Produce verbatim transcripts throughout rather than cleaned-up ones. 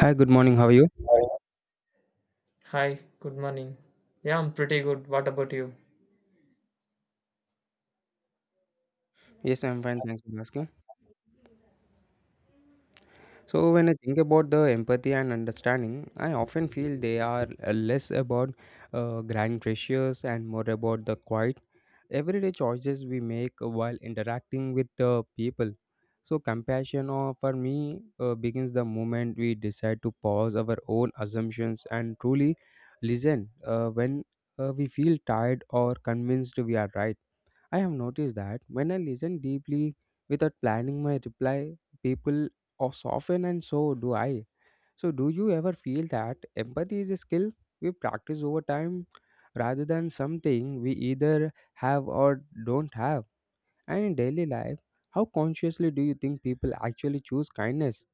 Hi, good morning. How are you? Hi, good morning. Yeah, I'm pretty good. What about you? Yes, I'm fine. Thanks for asking. So, when I think about the empathy and understanding, I often feel they are uh, less about uh, grand gestures and more about the quiet, everyday choices we make while interacting with the people. So, compassion uh, for me uh, begins the moment we decide to pause our own assumptions and truly listen uh, when uh, we feel tired or convinced we are right. I have noticed that when I listen deeply without planning my reply, people are soften and so do I. So, do you ever feel that empathy is a skill we practice over time rather than something we either have or don't have? And in daily life, how consciously do you think people actually choose kindness?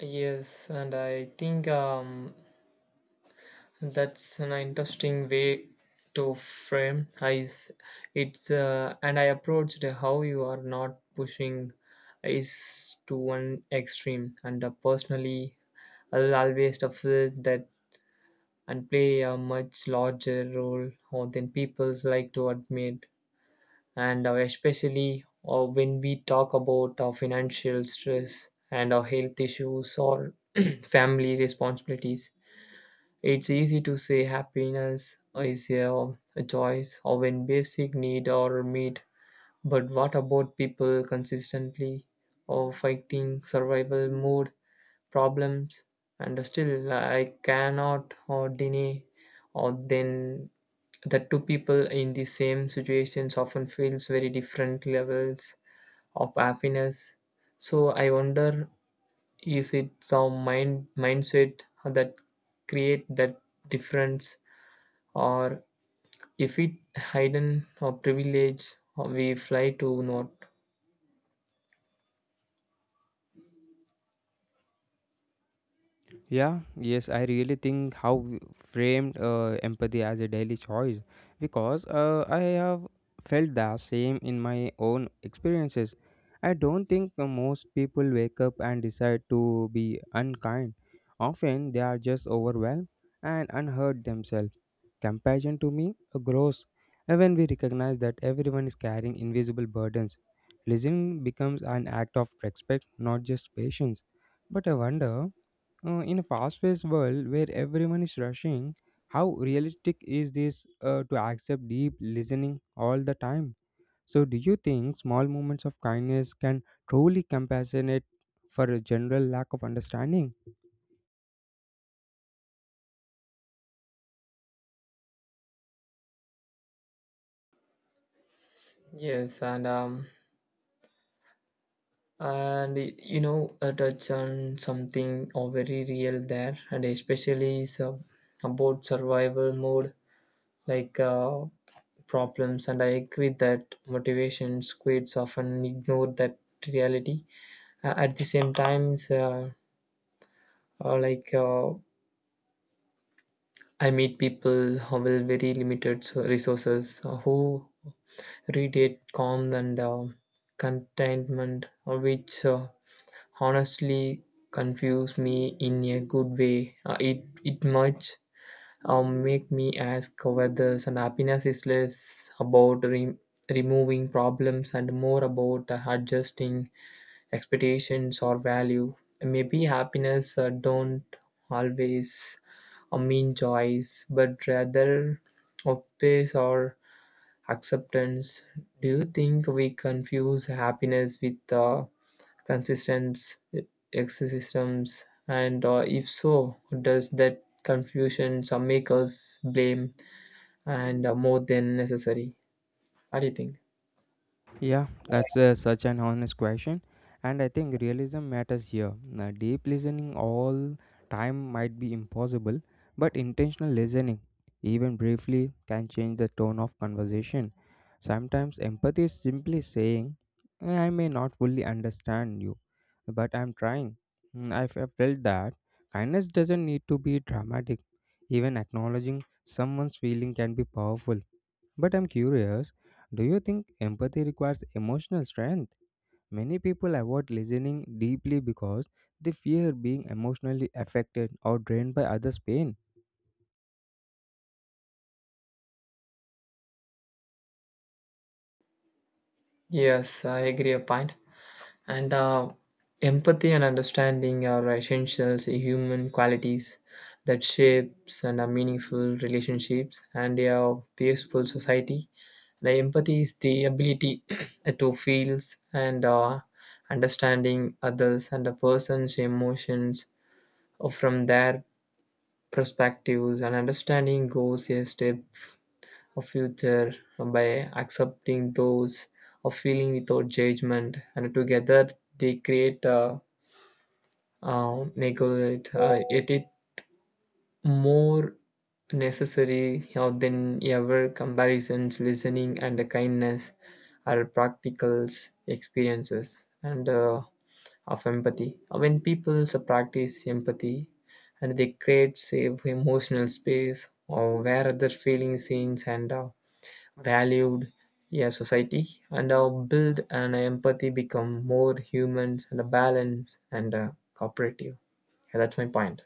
Yes, and I think um, that's an interesting way to frame. I, s- it's uh, and I approached how you are not pushing is to one extreme, and uh, personally, I'll always feel that and play a much larger role than people like to admit. and uh, especially uh, when we talk about uh, financial stress and our health issues or family responsibilities, it's easy to say happiness is uh, a choice or when basic need are met, but what about people consistently or fighting survival mode problems, and still I cannot or deny or then that two people in the same situations often feels very different levels of happiness. So I wonder, is it some mind mindset that create that difference, or if it hidden or privilege, or we fly to not. Yeah, yes, I really think how we framed uh, empathy as a daily choice because uh, I have felt the same in my own experiences. I don't think uh, most people wake up and decide to be unkind. Often they are just overwhelmed and unheard themselves. Compassion to me uh, grows when we recognize that everyone is carrying invisible burdens. Listening becomes an act of respect, not just patience. But I wonder. Uh, in a fast-paced world where everyone is rushing, how realistic is this uh, to accept deep listening all the time? So, do you think small moments of kindness can truly compensate for a general lack of understanding? Yes, and um and y- you know, uh, touch on something or very real there, and especially is uh, about survival mode, like uh, problems, and I agree that motivation squids often ignore that reality. Uh, at the same time, uh, uh, like uh, I meet people who with very limited so- resources, uh, who radiate calm and uh, contentment, uh, which uh, honestly confuse me in a good way. Uh, it it might um, make me ask whether some happiness is less about re- removing problems and more about uh, adjusting expectations or value. Maybe happiness uh, don't always uh, mean choice, but rather of pace or acceptance. Do you think we confuse happiness with uh, consistent ecosystems? And uh, if so, does that confusion some make us blame and uh, more than necessary? What do you think? Yeah, that's uh, such an honest question. And I think realism matters here. Now, deep listening all time might be impossible, but intentional listening, even briefly, can change the tone of conversation. Sometimes empathy is simply saying, "Eh, I may not fully understand you, but I'm trying. Mm, I've I've felt that kindness doesn't need to be dramatic. Even acknowledging someone's feeling can be powerful. But I'm curious, do you think empathy requires emotional strength? Many people avoid listening deeply because they fear being emotionally affected or drained by others' pain. Yes, I agree a point. And uh, empathy and understanding are essential human qualities that shapes and are meaningful relationships and a peaceful society. The empathy is the ability to feel and uh, understanding others and a person's emotions from their perspectives. And understanding goes a step of future by accepting those of feeling without judgment. And together they create a uh, neglect. Uh, yet it more necessary you than ever comparisons listening and the kindness are practical experiences and uh, of empathy. When people practice empathy and they create safe emotional space or where other feeling seen and uh, valued, yeah, society and uh, build an empathy become more humans and a balance and uh, cooperative. Yeah, that's my point.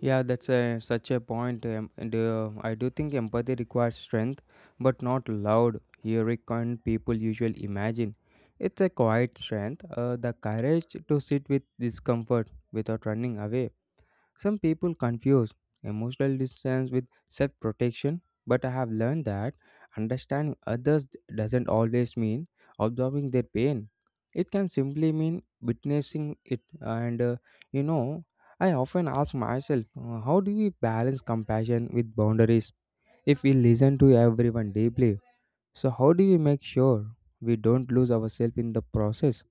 Yeah, that's a, such a point. um, and, uh, I do think empathy requires strength, but not loud, heroic kind people usually imagine. It's a quiet strength, uh, the courage to sit with discomfort without running away. Some people confuse emotional distance with self protection, but I have learned that understanding others doesn't always mean absorbing their pain. It can simply mean witnessing it. And uh, you know, I often ask myself, uh, how do we balance compassion with boundaries if we listen to everyone deeply? So, how do we make sure we don't lose ourselves in the process?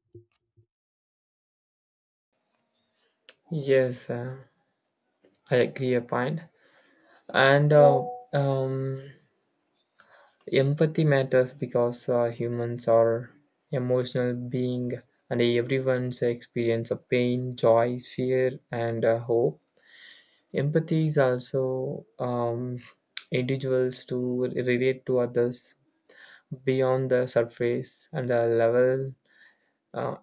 Yes, uh, I agree a point. And uh, um, empathy matters because uh, humans are emotional being, and everyone's experience of pain, joy, fear, and uh, hope. Empathy is also um, individuals to relate to others beyond the surface and uh, level uh,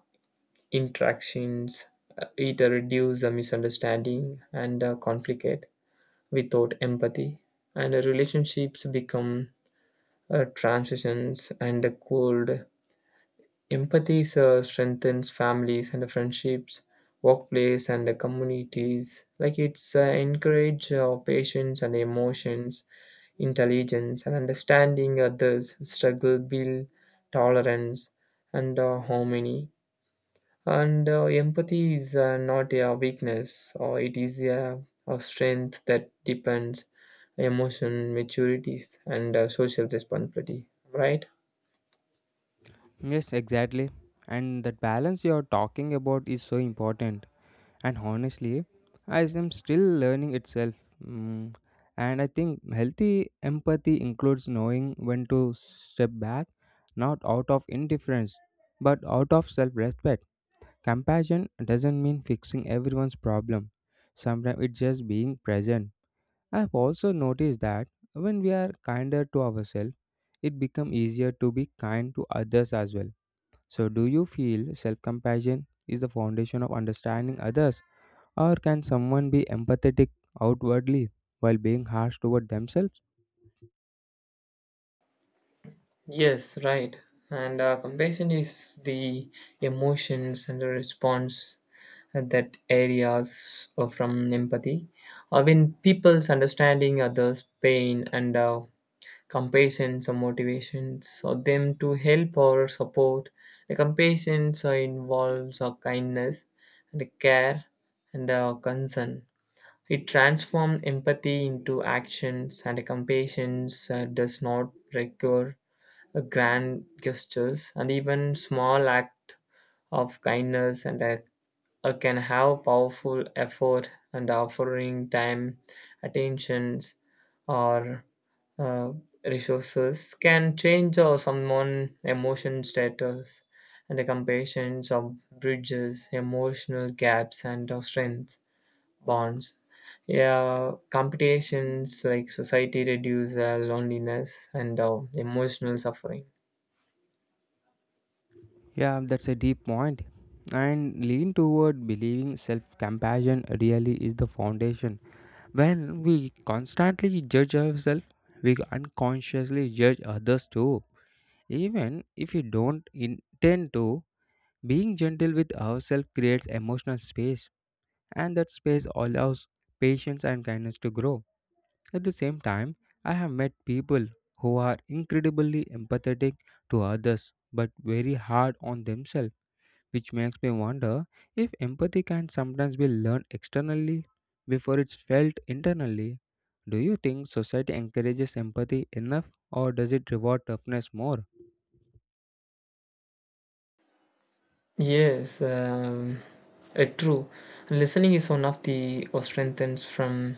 interactions. Uh, It reduces the misunderstanding and uh, conflict. Without empathy, and relationships become uh, transitions and cold. Empathy uh, strengthens families and friendships, workplace and the communities. Like it's uh, encourage uh, patience and emotions, intelligence and understanding others. Struggle build tolerance and uh, harmony, and uh, empathy is uh, not a weakness, or it is a, a strength that depends emotion maturities and uh, social responsibility. Right? Yes, exactly. And that balance you're talking about is so important. And honestly, I am still learning itself. Mm. And I think healthy empathy includes knowing when to step back, not out of indifference, but out of self respect. Compassion doesn't mean fixing everyone's problem, sometimes it's just being present. I've also noticed that when we are kinder to ourselves, it becomes easier to be kind to others as well. So, do you feel self compassion is the foundation of understanding others? Or can someone be empathetic outwardly while being harsh toward themselves? Yes, right. And uh, compassion is the emotions and the response that areas from empathy. Uh, when people's understanding others' pain and uh, compassions or motivations or them to help or support. The compassions uh, involves uh, kindness and care and uh, concern. It transforms empathy into actions, and compassion uh, does not require uh, grand gestures, and even small act of kindness and uh, uh, can have powerful effort and offering time, attentions, or uh, resources can change uh, someone's emotion status, and the compassions of bridges, emotional gaps, and uh, strength bonds. Yeah, competitions like society reduce uh, loneliness and uh, emotional suffering. Yeah, that's a deep point. And lean toward believing self compassion really is the foundation. When we constantly judge ourselves, we unconsciously judge others too. Even if we don't intend to, being gentle with ourselves creates emotional space, and that space allows patience and kindness to grow. At the same time, I have met people who are incredibly empathetic to others but very hard on themselves, which makes me wonder if empathy can sometimes be learned externally before it's felt internally. Do you think society encourages empathy enough or does it reward toughness more? Yes, um, uh, true. Listening is one of the uh, strengthens from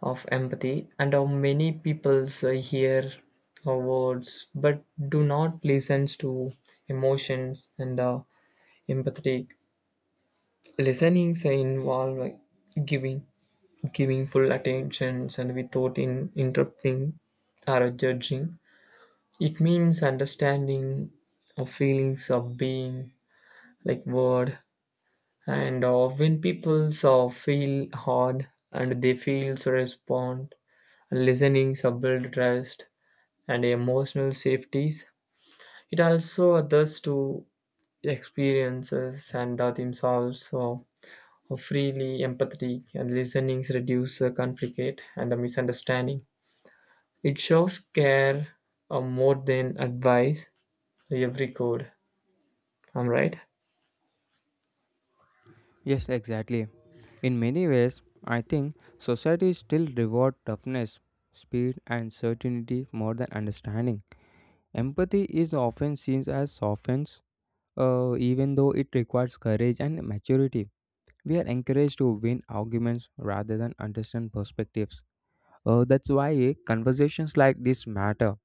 of empathy, and how many people hear our words but do not listen to emotions, and uh, empathetic listening say involve like giving giving full attentions and without in, interrupting or judging. It means understanding of feelings of being like word, and uh, when people so feel hard and they feel so respond, listening so build trust and emotional safeties. It also others to experiences and uh, themselves so freely empathetic, and listenings reduce uh, conflict and uh, misunderstanding. It shows care uh, more than advice every code. I'm right. Yes, exactly. In many ways, I think society still rewards toughness, speed, and certainty more than understanding. Empathy is often seen as softens, uh, even though it requires courage and maturity. We are encouraged to win arguments rather than understand perspectives. Uh, that's why conversations like this matter.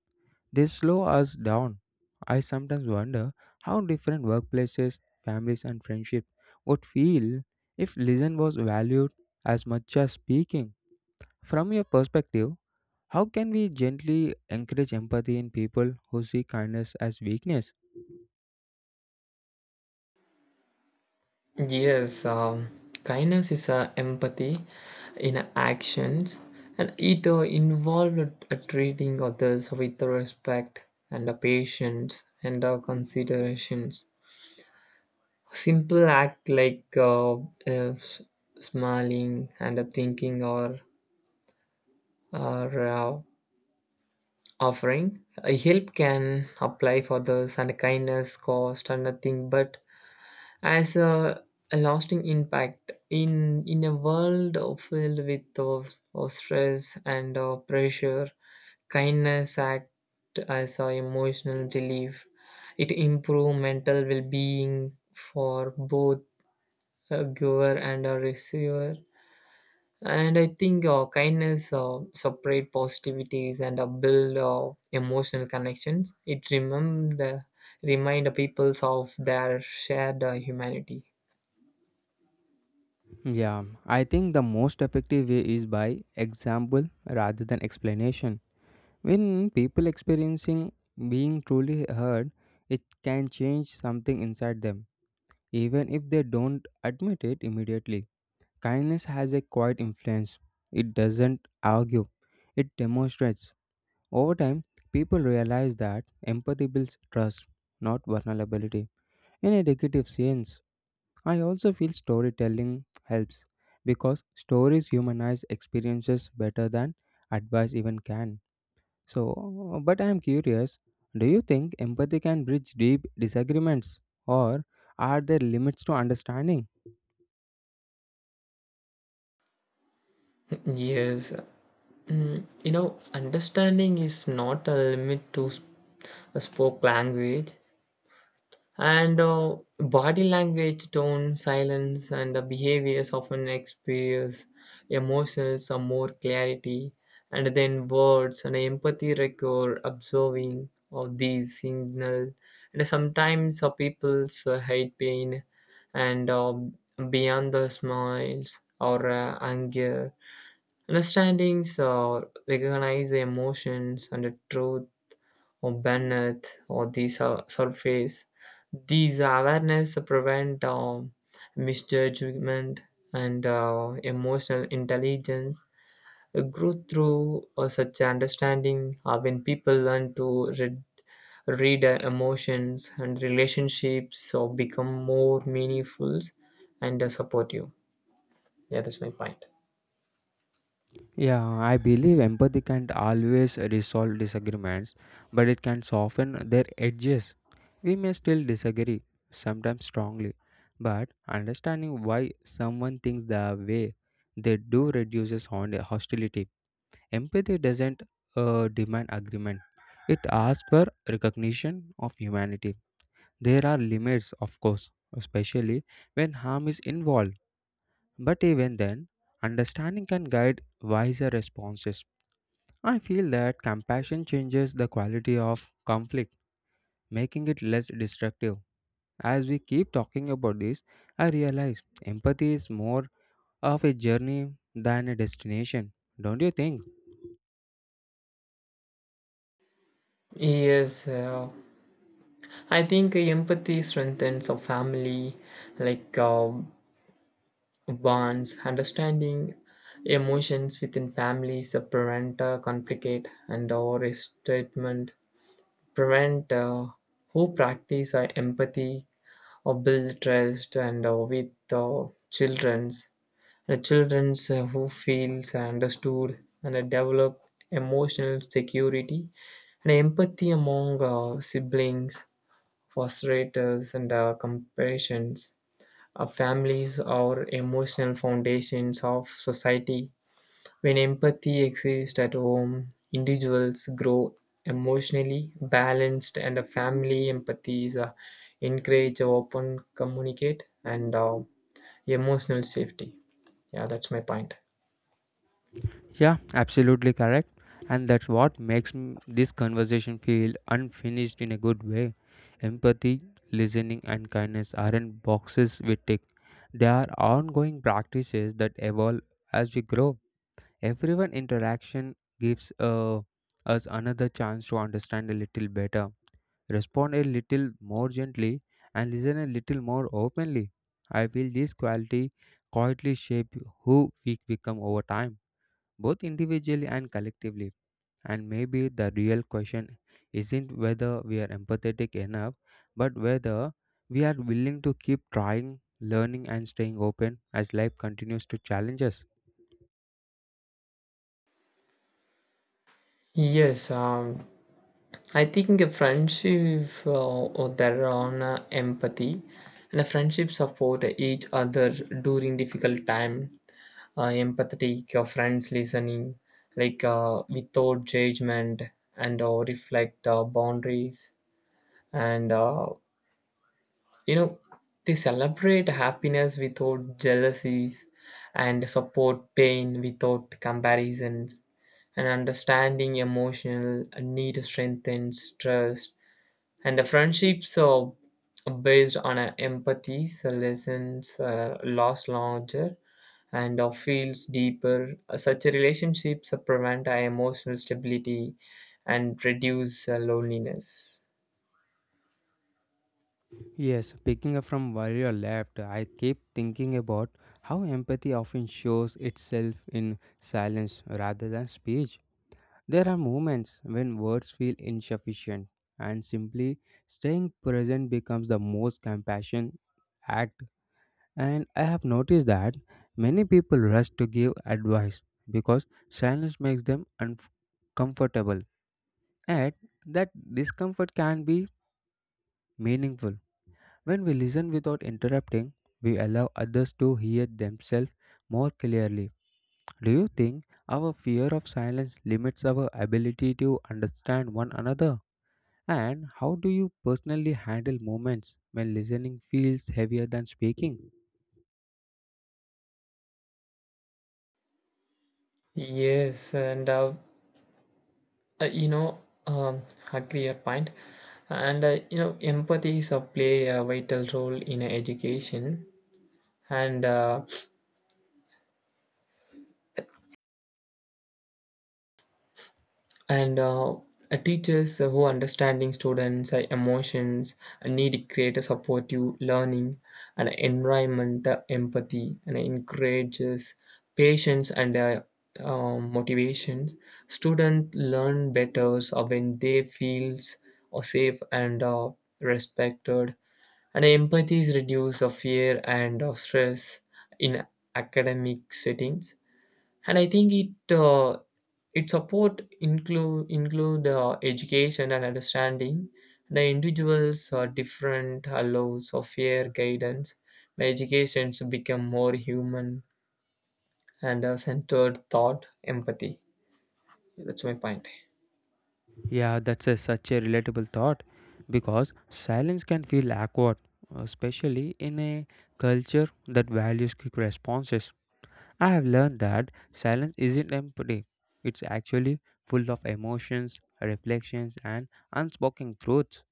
They slow us down. I sometimes wonder how different workplaces, families, and friendships would feel if listen was valued as much as speaking. From your perspective, how can we gently encourage empathy in people who see kindness as weakness? Yes, um, kindness is a empathy in actions, and it uh, involves uh, treating others with respect and uh, patience and uh, considerations. Simple act like uh, uh, s- smiling and uh, thinking or or uh, offering. A help can apply for others, and kindness cost and nothing but as a, a lasting impact in in a world of- filled with of, of stress and uh, pressure. Kindness act as a emotional relief. It improve mental well-being for both a giver and a receiver, and I think uh, kindness uh, separate positivities and uh, build uh, emotional connections. It remember the remind the peoples of their shared uh, humanity. Yeah, I think the most effective way is by example rather than explanation. When people experiencing being truly heard, it can change something inside them, even if they don't admit it immediately. Kindness has a quiet influence. It doesn't argue, it demonstrates. Over time, people realize that empathy builds trust, not vulnerability, in a negative sense. I also feel storytelling helps because stories humanize experiences better than advice even can. So, but I am curious, do you think empathy can bridge deep disagreements or are there limits to understanding? Yes, you know, understanding is not a limit to sp- a spoke language, and uh, body language, tone, silence, and the behaviors often experience emotions or more clarity, and then words, and empathy record observing of these signal, and sometimes uh, people's uh, hate pain, and uh, beyond the smiles or uh, anger. Understandings or recognize the emotions and the truth or beneath or the sur- surface. These awareness prevent um, misjudgment and uh, emotional intelligence uh, grow through uh, such understanding. Uh, when people learn to read, read uh, emotions and relationships or become more meaningful and uh, supportive. That is my point. Yeah, I believe empathy can't always resolve disagreements, but it can soften their edges. We may still disagree, sometimes strongly, but understanding why someone thinks the way they do reduces hon- hostility. Empathy doesn't uh, demand agreement, it asks for recognition of humanity. There are limits, of course, especially when harm is involved, but even then, understanding can guide wiser responses. I feel that compassion changes the quality of conflict, making it less destructive. As we keep talking about this, I realize empathy is more of a journey than a destination. Don't you think? Yes, uh, I think empathy strengthens a family, like uh, bonds, understanding emotions within families, uh, prevent uh, conflict and or statement, prevent uh, who practice uh, empathy or build trust and uh, with uh, children's the children's uh, who feels understood and uh, develop emotional security, and empathy among uh, siblings. Frustrators and uh, compassions. Our families are emotional foundations of society. When empathy exists at home, individuals grow emotionally balanced, and a family empathy is uh, encourage uh, open communicate and uh, emotional safety. Yeah, that's my point. Yeah, absolutely correct. And that's what makes m- this conversation feel unfinished in a good way. Empathy, listening, and kindness aren't boxes we tick, they are ongoing practices that evolve as we grow. Everyone interaction gives uh, us another chance to understand a little better, respond a little more gently, and listen a little more openly. I feel this quality quietly shape who we become over time, both individually and collectively. And maybe the real question isn't whether we are empathetic enough, but whether we are willing to keep trying, learning, and staying open as life continues to challenge us. Yes, um, I think a friendship uh, or there on uh, empathy, and a friendship support each other during difficult time. Uh, empathetic uh, friends listening like uh, without judgment and uh, reflect uh, boundaries, and uh, you know, they celebrate happiness without jealousies and support pain without comparisons, and understanding emotional need strengthens trust, and the friendships are based on uh, empathy, so lessons uh, last longer and uh, feels deeper. Uh, Such relationships uh, prevent uh, emotional stability and reduce uh, loneliness. Yes, picking up from where you left, I keep thinking about how empathy often shows itself in silence rather than speech. There are moments when words feel insufficient, and simply staying present becomes the most compassion act. And I have noticed that many people rush to give advice because silence makes them uncomfortable, and that discomfort can be meaningful when we listen without interrupting, we allow others to hear themselves more clearly. Do you think our fear of silence limits our ability to understand one another? And how do you personally handle moments when listening feels heavier than speaking? Yes, and uh, uh, you know, um, agree your point. And uh, you know, empathy is a play a vital role in education, and uh, and uh, uh, teachers who understanding students uh, emotions uh, need to create a supportive learning and environment. Uh, empathy and encourages patience and uh, uh, motivations. Students learn better uh, when they feels uh, safe and uh, respected, and empathy is reduce the fear and uh, stress in academic settings. And I think it uh, it support include include uh, education, and understanding the individuals are different allows of fair guidance, the education to become more human and uh, centered thought empathy. That's my point. Yeah, that's a, such a relatable thought because silence can feel awkward, especially in a culture that values quick responses. I have learned that silence isn't empty, it's actually full of emotions, reflections, and unspoken truths.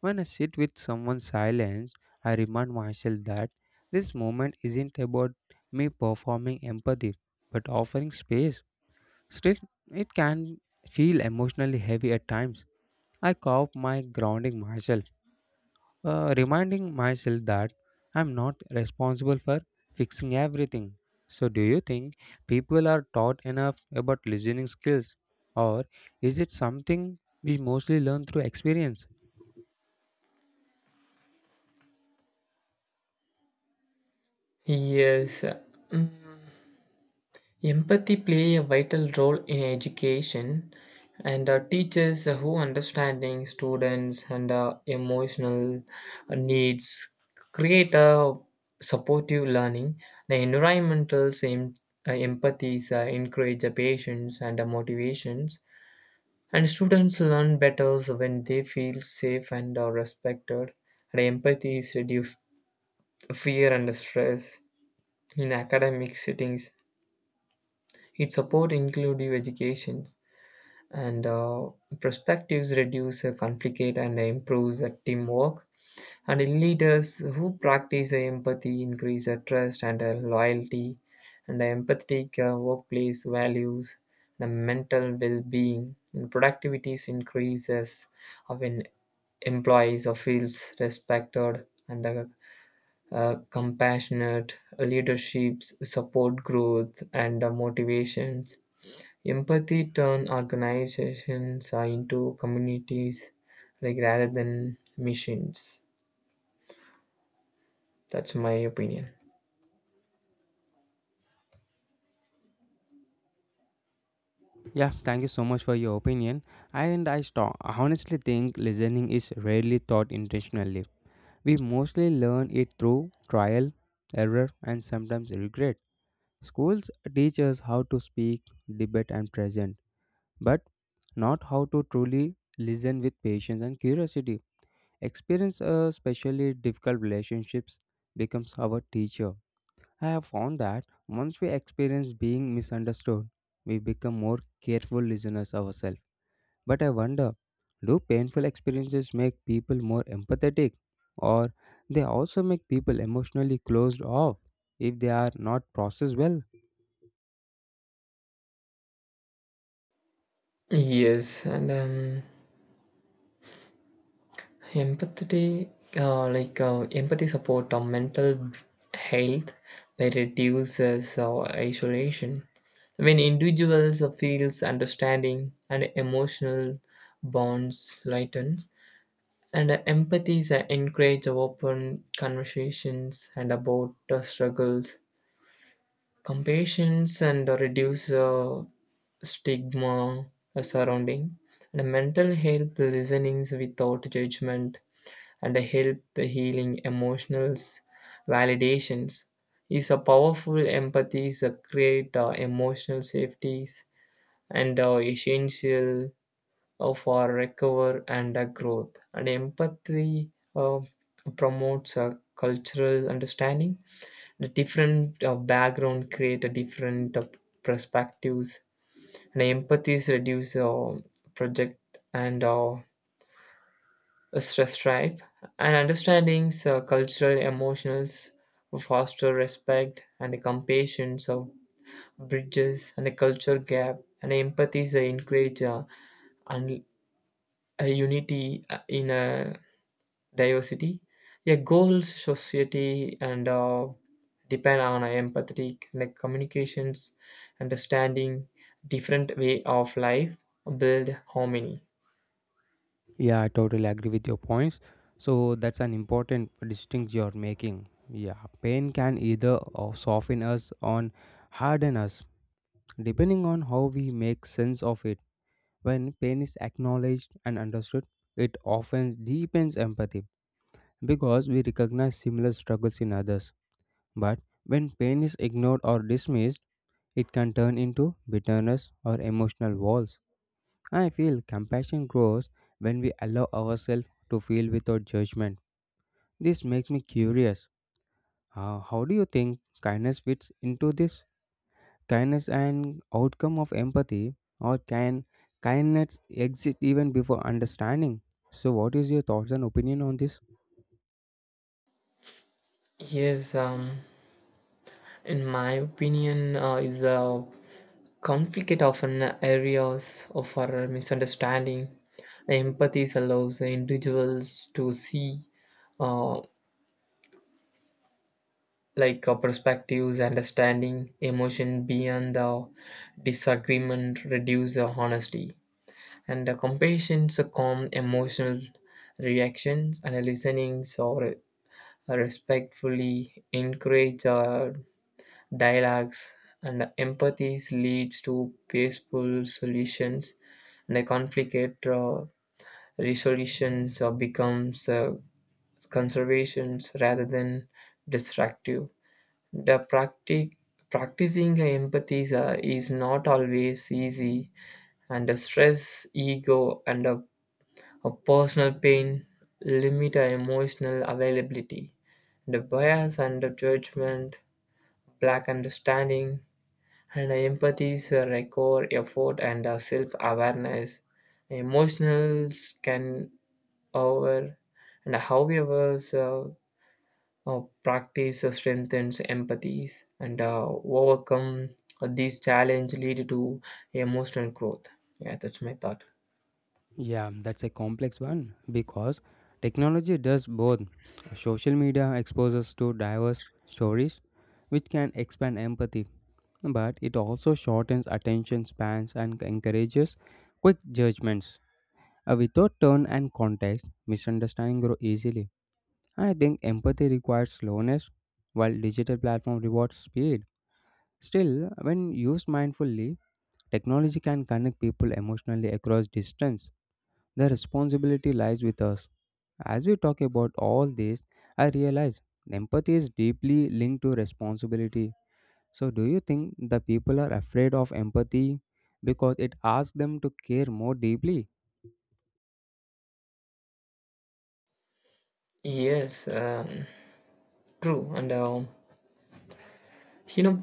When I sit with someone's silence, I remind myself that this moment isn't about me performing empathy, but offering space. Still, it can feel emotionally heavy at times. I carve my grounding myself uh, reminding myself that I'm not responsible for fixing everything. So, do you think people are taught enough about listening skills, or is it something we mostly learn through experience? Yes. Mm. Empathy play a vital role in education, and uh, teachers who understanding students and uh, emotional needs create a supportive learning. The environmental em- uh, empathies uh, encourage the patience and the motivations, and students learn better when they feel safe and uh, respected. And empathies reduce fear and stress in academic settings. It supports inclusive education and uh, perspectives reduce uh, conflict and improves uh, teamwork, and in leaders who practice uh, empathy increase uh, trust and uh, loyalty, and empathetic uh, workplace values the mental well-being, and productivities increases uh, when employees uh, feels respected and uh, uh, compassionate leaderships support growth and uh, motivations. Empathy turn organizations uh, into communities like rather than machines. That's my opinion. Yeah, thank you so much for your opinion. And I sto- honestly think listening is rarely taught intentionally. We mostly learn it through trial, error, and sometimes regret. Schools teach us how to speak, debate, and present, but not how to truly listen with patience and curiosity. Experience, uh, especially difficult relationships, becomes our teacher. I have found that once we experience being misunderstood, we become more careful listeners ourselves. But I wonder, do painful experiences make people more empathetic, or they also make people emotionally closed off if they are not processed well? Yes, and um, empathy, uh, like uh, empathy support on mental health by reduces uh, isolation. When individuals uh, feels understanding and emotional bonds lightens, and uh, empathies uh, encourage open conversations and about the struggles, compassions and reduce uh, stigma surrounding and mental health. Listenings without judgment and help the healing emotional validations is a powerful. Empathy is a create uh, emotional safeties and uh, essential uh, for recover and uh, growth, and empathy uh, promotes a cultural understanding. The different uh, background create a different uh, perspectives, and empathies reduce uh, project and uh, stress tripe, and understandings uh, cultural emotionals foster respect and compassion of bridges and a culture gap, and empathies uh, encourage uh, and a unity uh, in a diversity. A goal society and uh, depend on a empathetic like communications, understanding different way of life, build harmony. Yeah, I totally agree with your points. So that's an important distinction you're making. Yeah, pain can either uh, soften us or harden us, depending on how we make sense of it. When pain is acknowledged and understood, it often deepens empathy because we recognize similar struggles in others. But when pain is ignored or dismissed, it can turn into bitterness or emotional walls. I feel compassion grows when we allow ourselves to feel without judgment. This makes me curious. Uh, how do you think kindness fits into this? Kindness and outcome of empathy, or can kindness exist even before understanding? So, what is your thoughts and opinion on this? Yes, um, in my opinion, uh, is a conflict often areas of our misunderstanding. Empathy allows individuals to see uh, like uh, perspectives, understanding, emotion beyond the disagreement, reduce the honesty. And the compassion is a calm emotional reactions, and the listening or respectfully encourage uh, dialogues, and the empathies leads to peaceful solutions, and the conflict uh, resolutions uh, becomes uh, conservations rather than destructive. The practic- practicing empathy is, uh, is not always easy, and the stress, ego, and a, a personal pain limit our emotional availability. The bias and the judgment, black understanding, and empathy is a record effort and self awareness. Emotionals can over and however so uh, practice uh, strengthens empathy and uh, overcome uh, these challenges lead to emotional growth. Yeah, that's my thought. Yeah, that's a complex one because technology does both. Social media exposes to diverse stories, which can expand empathy, but it also shortens attention spans and encourages quick judgments. Uh, without tone and context, misunderstanding grow easily. I think empathy requires slowness, while digital platform rewards speed. Still, when used mindfully, technology can connect people emotionally across distance. The responsibility lies with us. As we talk about all this, I realize empathy is deeply linked to responsibility. So, do you think the people are afraid of empathy because it asks them to care more deeply? Yes, um, true, and uh, you know,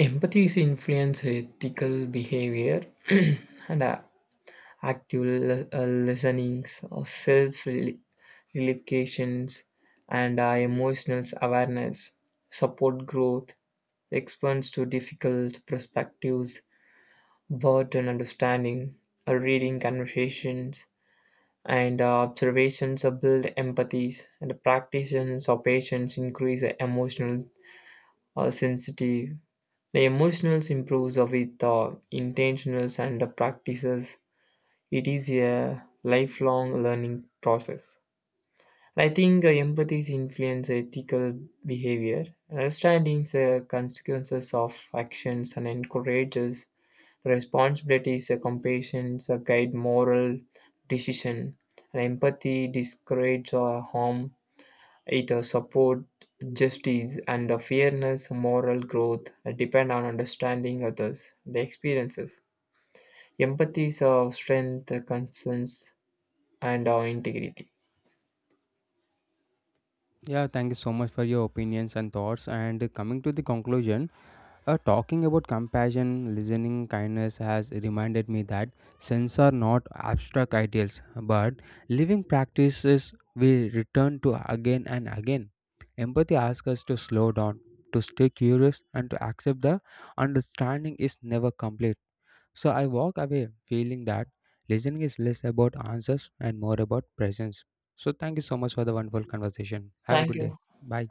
empathy is influence ethical behavior and uh, actual uh, listenings or self relifications and uh, emotional awareness support growth, expands to difficult perspectives. Worth an understanding, a reading conversations and uh, observations uh, build empathies, and the practitioners or patients increase uh, emotional uh, sensitive. The emotionals improves uh, with uh, intentionals and the practices. It is a lifelong learning process. And I think uh, empathy influence ethical behavior, understanding the consequences of actions, and encourages responsibilities, uh, compassion, uh, guide moral decision. And empathy discourages uh, harm. It uh, support justice and uh, fairness, moral growth uh, depend on understanding others, the experiences. Empathy is uh, strength, uh, concerns, and uh, integrity. Yeah, thank you so much for your opinions and thoughts. And coming to the conclusion, Uh, talking about compassion, listening, kindness has reminded me that sins are not abstract ideals, but living practices we return to again and again. Empathy asks us to slow down, to stay curious, and to accept the understanding is never complete. So I walk away feeling that listening is less about answers and more about presence. So thank you so much for the wonderful conversation. Have a Thank good day. you. Bye.